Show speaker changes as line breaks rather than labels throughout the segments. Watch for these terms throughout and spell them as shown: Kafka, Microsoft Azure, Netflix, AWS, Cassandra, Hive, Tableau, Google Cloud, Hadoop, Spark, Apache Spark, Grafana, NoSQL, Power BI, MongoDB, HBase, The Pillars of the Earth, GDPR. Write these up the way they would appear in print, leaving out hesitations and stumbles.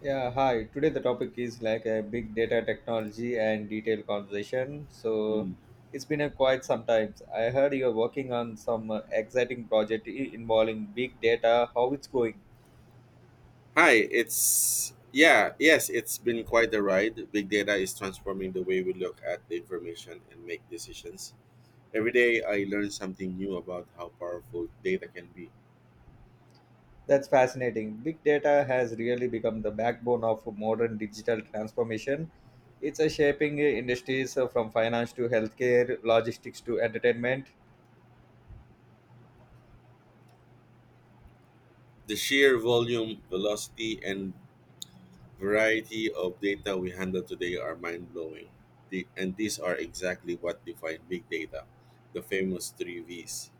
Yeah, hi. Today the topic is like a big data technology and detailed conversation. So
Mm.
it's been a quite some time. I heard you're working on some exciting involving big data. How it's going?
Hi, it's yes, it's been quite a ride. Big data is transforming the way we look at the information and make decisions. Every day I learn something new about how powerful data can be.
That's fascinating. Big data has really become the backbone of modern digital transformation. It's a shaping industries from finance to healthcare, logistics to entertainment.
The sheer volume, velocity, and variety of data we handle today are mind blowing. The, and these are exactly what define big data, the famous three V's.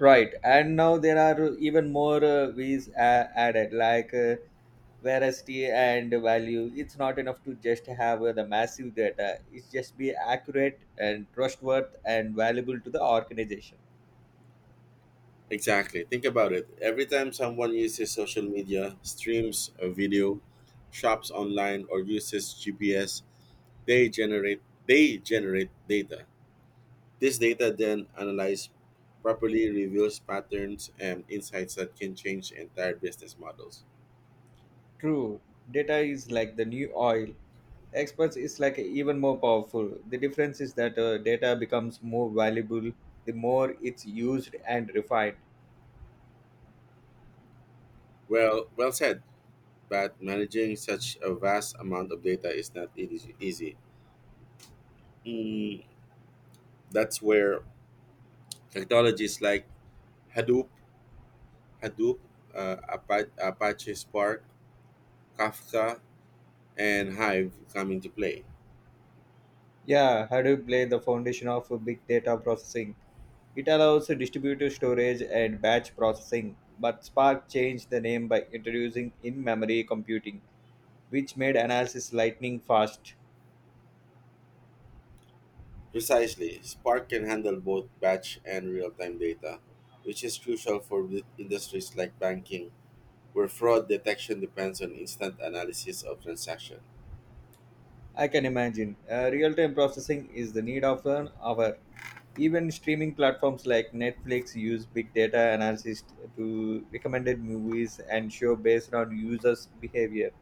Right, and now there are even more V's added like. Veracity and value, it's not enough to just have the massive data, it's just be accurate and trustworthy and valuable to the organization.
Exactly. Think about it. Every time someone uses social media, streams a video, shops online, or uses GPS, they generate data. This data then analyzed properly reveals patterns and insights that can change entire business models.
True, data is like the new oil. Experts is like even more powerful. The difference is that data becomes more valuable the more it's used and refined.
Well said. But managing such a vast amount of data is not easy. Mm, that's where technologies like Hadoop, Hadoop, Apache Spark, Kafka and Hive come into play.
Yeah, Hadoop laid the foundation of big data processing. It allows distributed storage and batch processing, but Spark changed the name by introducing in memory computing, which made analysis lightning fast.
Precisely, Spark can handle both batch and real time data, which is crucial for the industries like banking, where fraud detection depends on instant analysis of transactions.
I can imagine. Real time processing is the need of an hour. Even streaming platforms like Netflix use big data analysis to recommended movies and show based on users' behavior.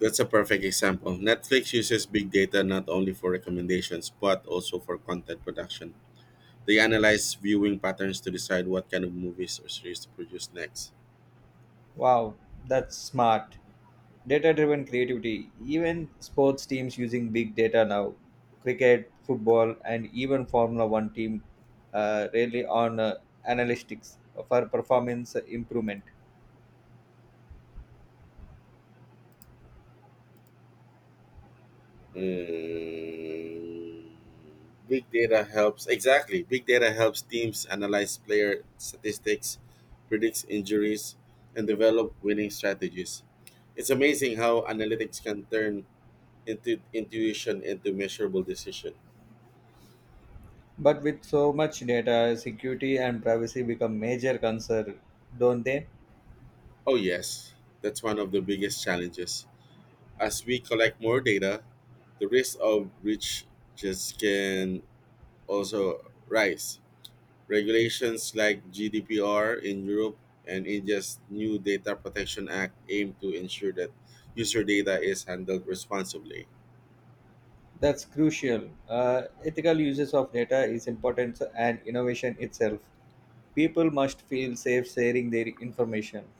That's a perfect example. Netflix uses big data not only for recommendations but also for content production. They analyze viewing patterns to decide what kind of movies or series to produce next.
Wow, that's smart. Data driven creativity. Even sports teams using big data now, cricket, football, and even formula 1 team, really on analytics for performance improvement.
Mm, big data helps exactly. Big data helps teams analyze player statistics, predicts injuries, and develop winning strategies. It's amazing how analytics can turn into intuition into measurable decision.
But with so much data, security and privacy become major concern, don't they?
Oh yes, that's one of the biggest challenges. As we collect more data, the risk of breach just can also rise. Regulations like GDPR in Europe and India's new Data Protection Act aim to ensure that user data is handled responsibly.
That's crucial. Ethical uses of data is important and innovation itself. People must feel safe sharing their information.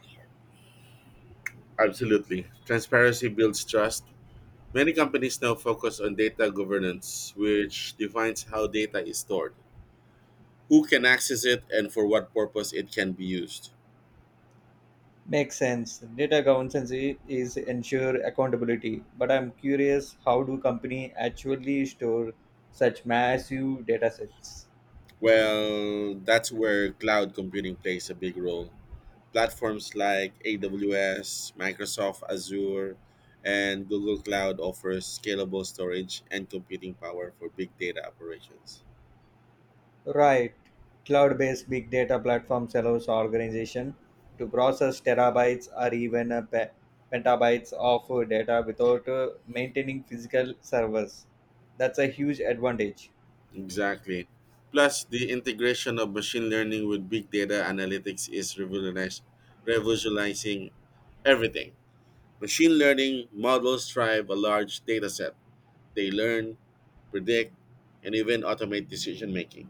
Absolutely. Transparency builds trust. Many companies now focus on data governance, which defines how data is stored, who can access it, and for what purpose it can be used.
Makes sense. Data governance is ensure accountability. But I'm curious, how do company actually store such massive data sets?
Well, that's where cloud computing plays a big role. Platforms like AWS, Microsoft Azure, and Google Cloud offer scalable storage and computing power for big data operations.
Right. Cloud-based big data platforms allows organization to process terabytes or even petabytes of data without maintaining physical servers. That's a huge advantage.
Exactly. Plus, the integration of machine learning with big data analytics is revolutionizing everything. Machine learning models drive a large data set. They learn, predict, and even automate decision making.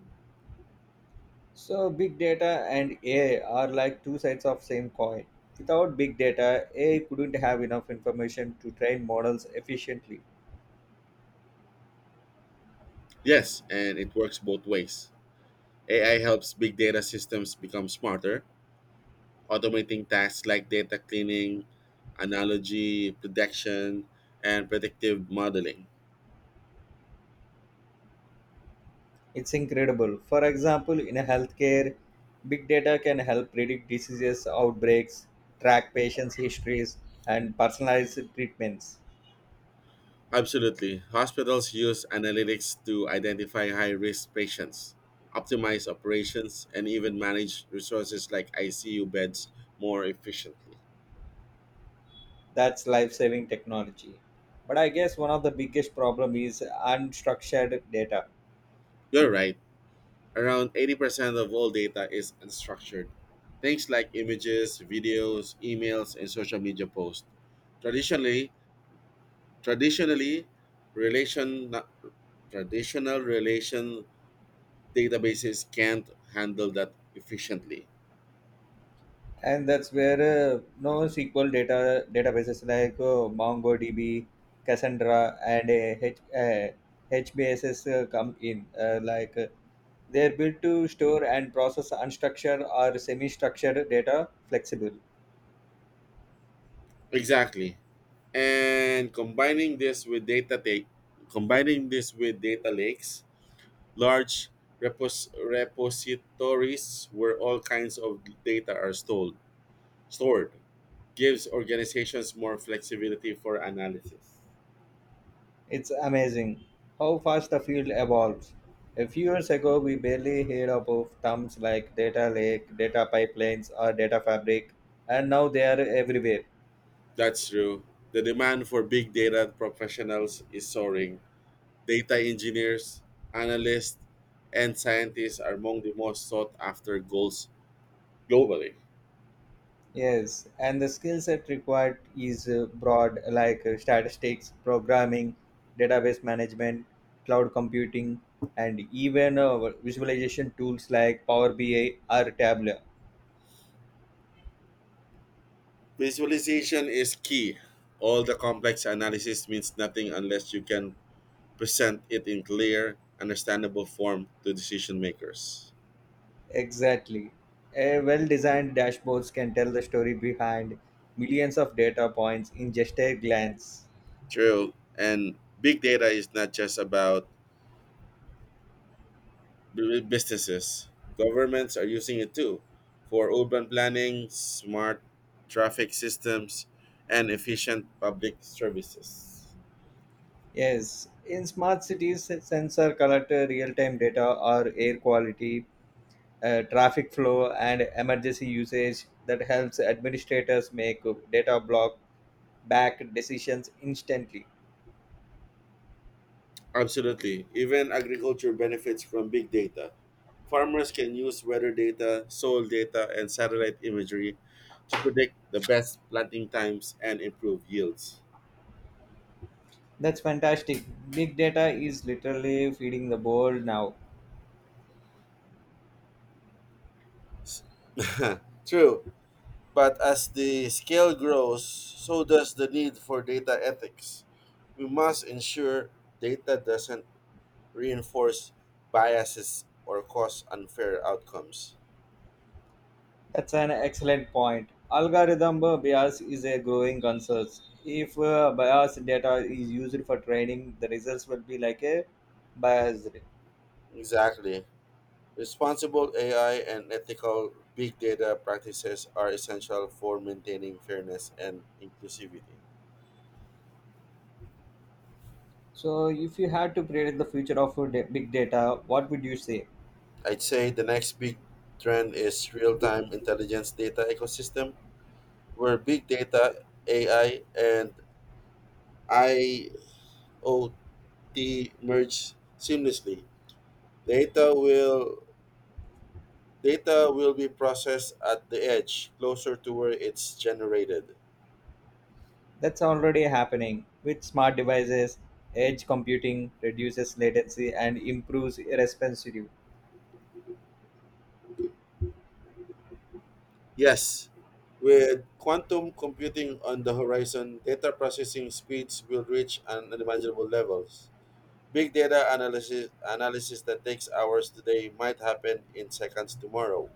So big data and AI are like two sides of same coin. Without big data, AI couldn't have enough information to train models efficiently.
Yes, and it works both ways. AI helps big data systems become smarter, automating tasks like data cleaning, analogy prediction, and predictive modeling.
It's incredible. For example, in a healthcare, big data can help predict diseases, outbreaks, track patients' histories, and personalize treatments.
Absolutely. Hospitals use analytics to identify high risk patients, optimize operations, and even manage resources like ICU beds more efficiently.
That's life-saving technology. But I guess one of the biggest problem is unstructured data.
You're right. Around 80% of all data is unstructured. Things like images, videos, emails, and social media posts. Traditionally, Traditionally, relation traditional relation databases can't handle that efficiently.
And that's where NoSQL data databases like MongoDB, Cassandra, and HBases come in. They're built to store and process unstructured or semi-structured data flexible.
Exactly. And combining this with data lakes, large repositories where all kinds of data are stored gives organizations more flexibility for analysis.
It's amazing how fast the field evolves. A few years ago, we barely heard of terms like data lake, data pipelines, or data fabric, and now they are everywhere.
That's true. The demand for big data professionals is soaring. Data engineers, analysts, and scientists are among the most sought after goals globally.
Yes, and the skill set required is broad, like statistics, programming, database management, cloud computing, and even visualization tools like Power BI or Tableau.
Visualization is key. All the complex analysis means nothing unless you can present it in clear, understandable form to decision makers.
Exactly. A well designed dashboards can tell the story behind millions of data points in just a glance.
True. And big data is not just about businesses, governments are using it too for urban planning, smart traffic systems, and efficient public services.
Yes, in smart cities, sensor collect real time data or air quality, traffic flow, and emergency usage that helps administrators make data block back decisions instantly.
Absolutely. Even agriculture benefits from big data. Farmers can use weather data, soil data, and satellite imagery to predict the best planting times and improve yields.
That's fantastic. Big data is literally feeding the world now.
S- True, but as the scale grows, so does the need for data ethics. We must ensure data doesn't reinforce biases or cause unfair outcomes.
That's an excellent point. Algorithm bias is a growing concern. If biased data is used for training, the results will be like a biased.
Exactly. Responsible AI and ethical big data practices are essential for maintaining fairness and inclusivity.
So, if you had to predict the future of big data, what would you say?
I'd say the next big trend is real time intelligence data ecosystem, where big data, AI, and IoT merge seamlessly. Data will data will be processed at the edge, closer to where it's generated.
That's already happening with smart devices. Edge computing reduces latency and improves responsive.
Yes, with quantum computing on the horizon, data processing speeds will reach unimaginable levels. Big data analysis that takes hours today might happen in seconds tomorrow.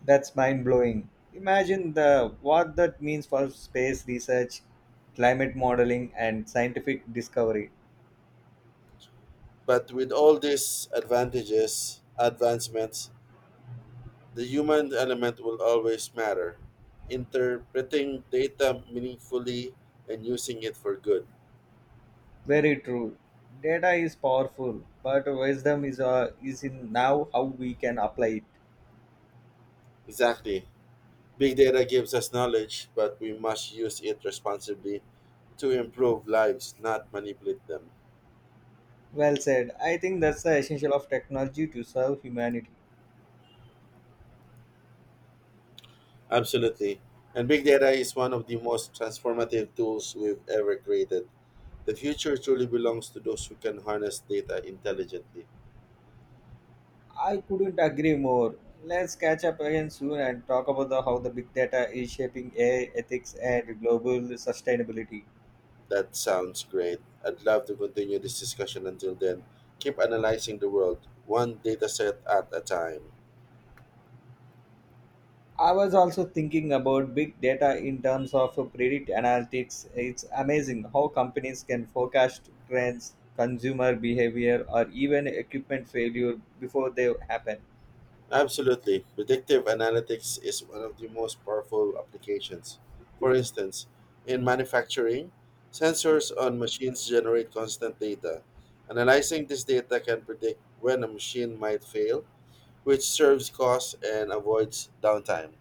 That's mind blowing. Imagine the what that means for space research, climate modeling, and scientific discovery.
But with all these advancements, the human element will always matter. Interpreting data meaningfully and using it for good.
Very true. Data is powerful, but wisdom is in now how we can apply it.
Exactly. Big data gives us knowledge, but we must use it responsibly to improve lives, not manipulate them.
Well said. I think that's the essential of technology to serve humanity.
Absolutely. And big data is one of the most transformative tools we've ever created. The future truly belongs to those who can harness data intelligently.
I couldn't agree more. Let's catch up again soon and talk about how the big data is shaping AI ethics and global sustainability.
That sounds great. I'd love to continue this discussion until then. Keep analyzing the world, one data set at a time.
I was also thinking about big data in terms of predict analytics. It's amazing how companies can forecast trends, consumer behavior, or even equipment failure before they happen.
Absolutely. Predictive analytics is one of the most powerful applications. For instance, in manufacturing, sensors on machines generate constant data. Analyzing this data can predict when a machine might fail, which serves costs and avoids downtime.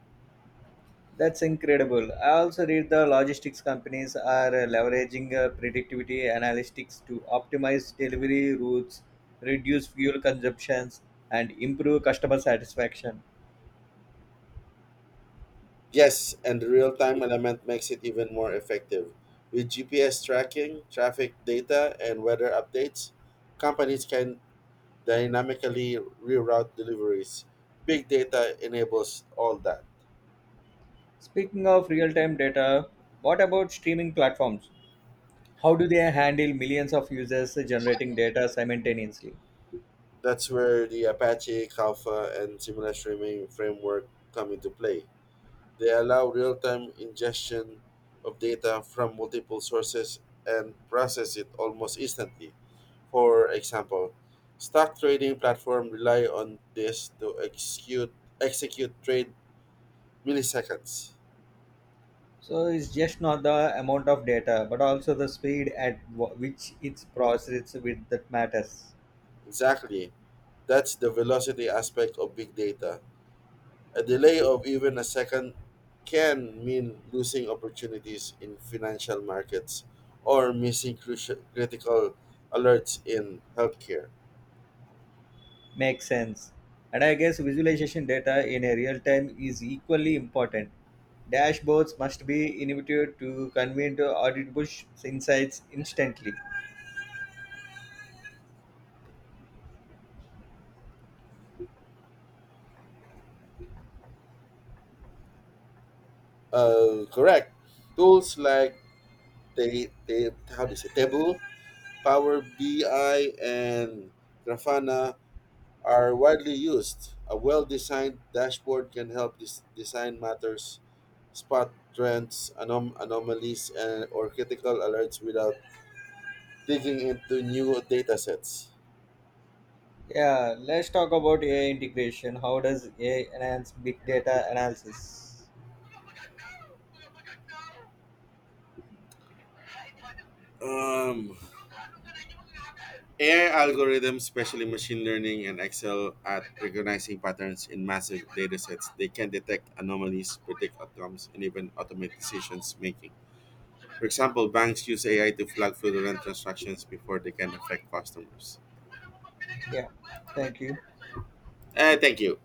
That's incredible. I also read the logistics companies are leveraging predictivity analytics to optimize delivery routes, reduce fuel consumptions, and improve customer satisfaction.
Yes, and the real time element makes it even more effective. With GPS tracking, traffic data, and weather updates, companies can dynamically reroute deliveries. Big data enables all that.
Speaking of real-time data, what about streaming platforms? How do they handle millions of users generating data simultaneously?
That's where the Apache, Kafka, and similar streaming framework come into play. They allow real time ingestion of data from multiple sources and process it almost instantly. For example, stock trading platforms rely on this to execute trade milliseconds.
So it's just not the amount of data, but also the speed at which it's processed with that matters.
Exactly. That's the velocity aspect of big data. A delay of even a second can mean losing opportunities in financial markets or missing crucial critical alerts in healthcare.
Makes sense. And I guess visualization data in a real time is equally important. Dashboards must be innovative to convey to insights instantly.
Correct. Tools like they how do you say Tableau, Power BI, and Grafana are widely used. A well-designed dashboard can help design matters, spot trends, anomalies, and or critical alerts without digging into new data sets.
Yeah, let's talk about AI integration. How does AI enhance big data analysis?
Um, AI algorithms, especially machine learning and Excel, at recognizing patterns in massive datasets. They can detect anomalies, predict outcomes, and even automate decisions making. For example, banks use AI to flag fraudulent transactions before they can affect customers.
Yeah, thank you.
Thank you.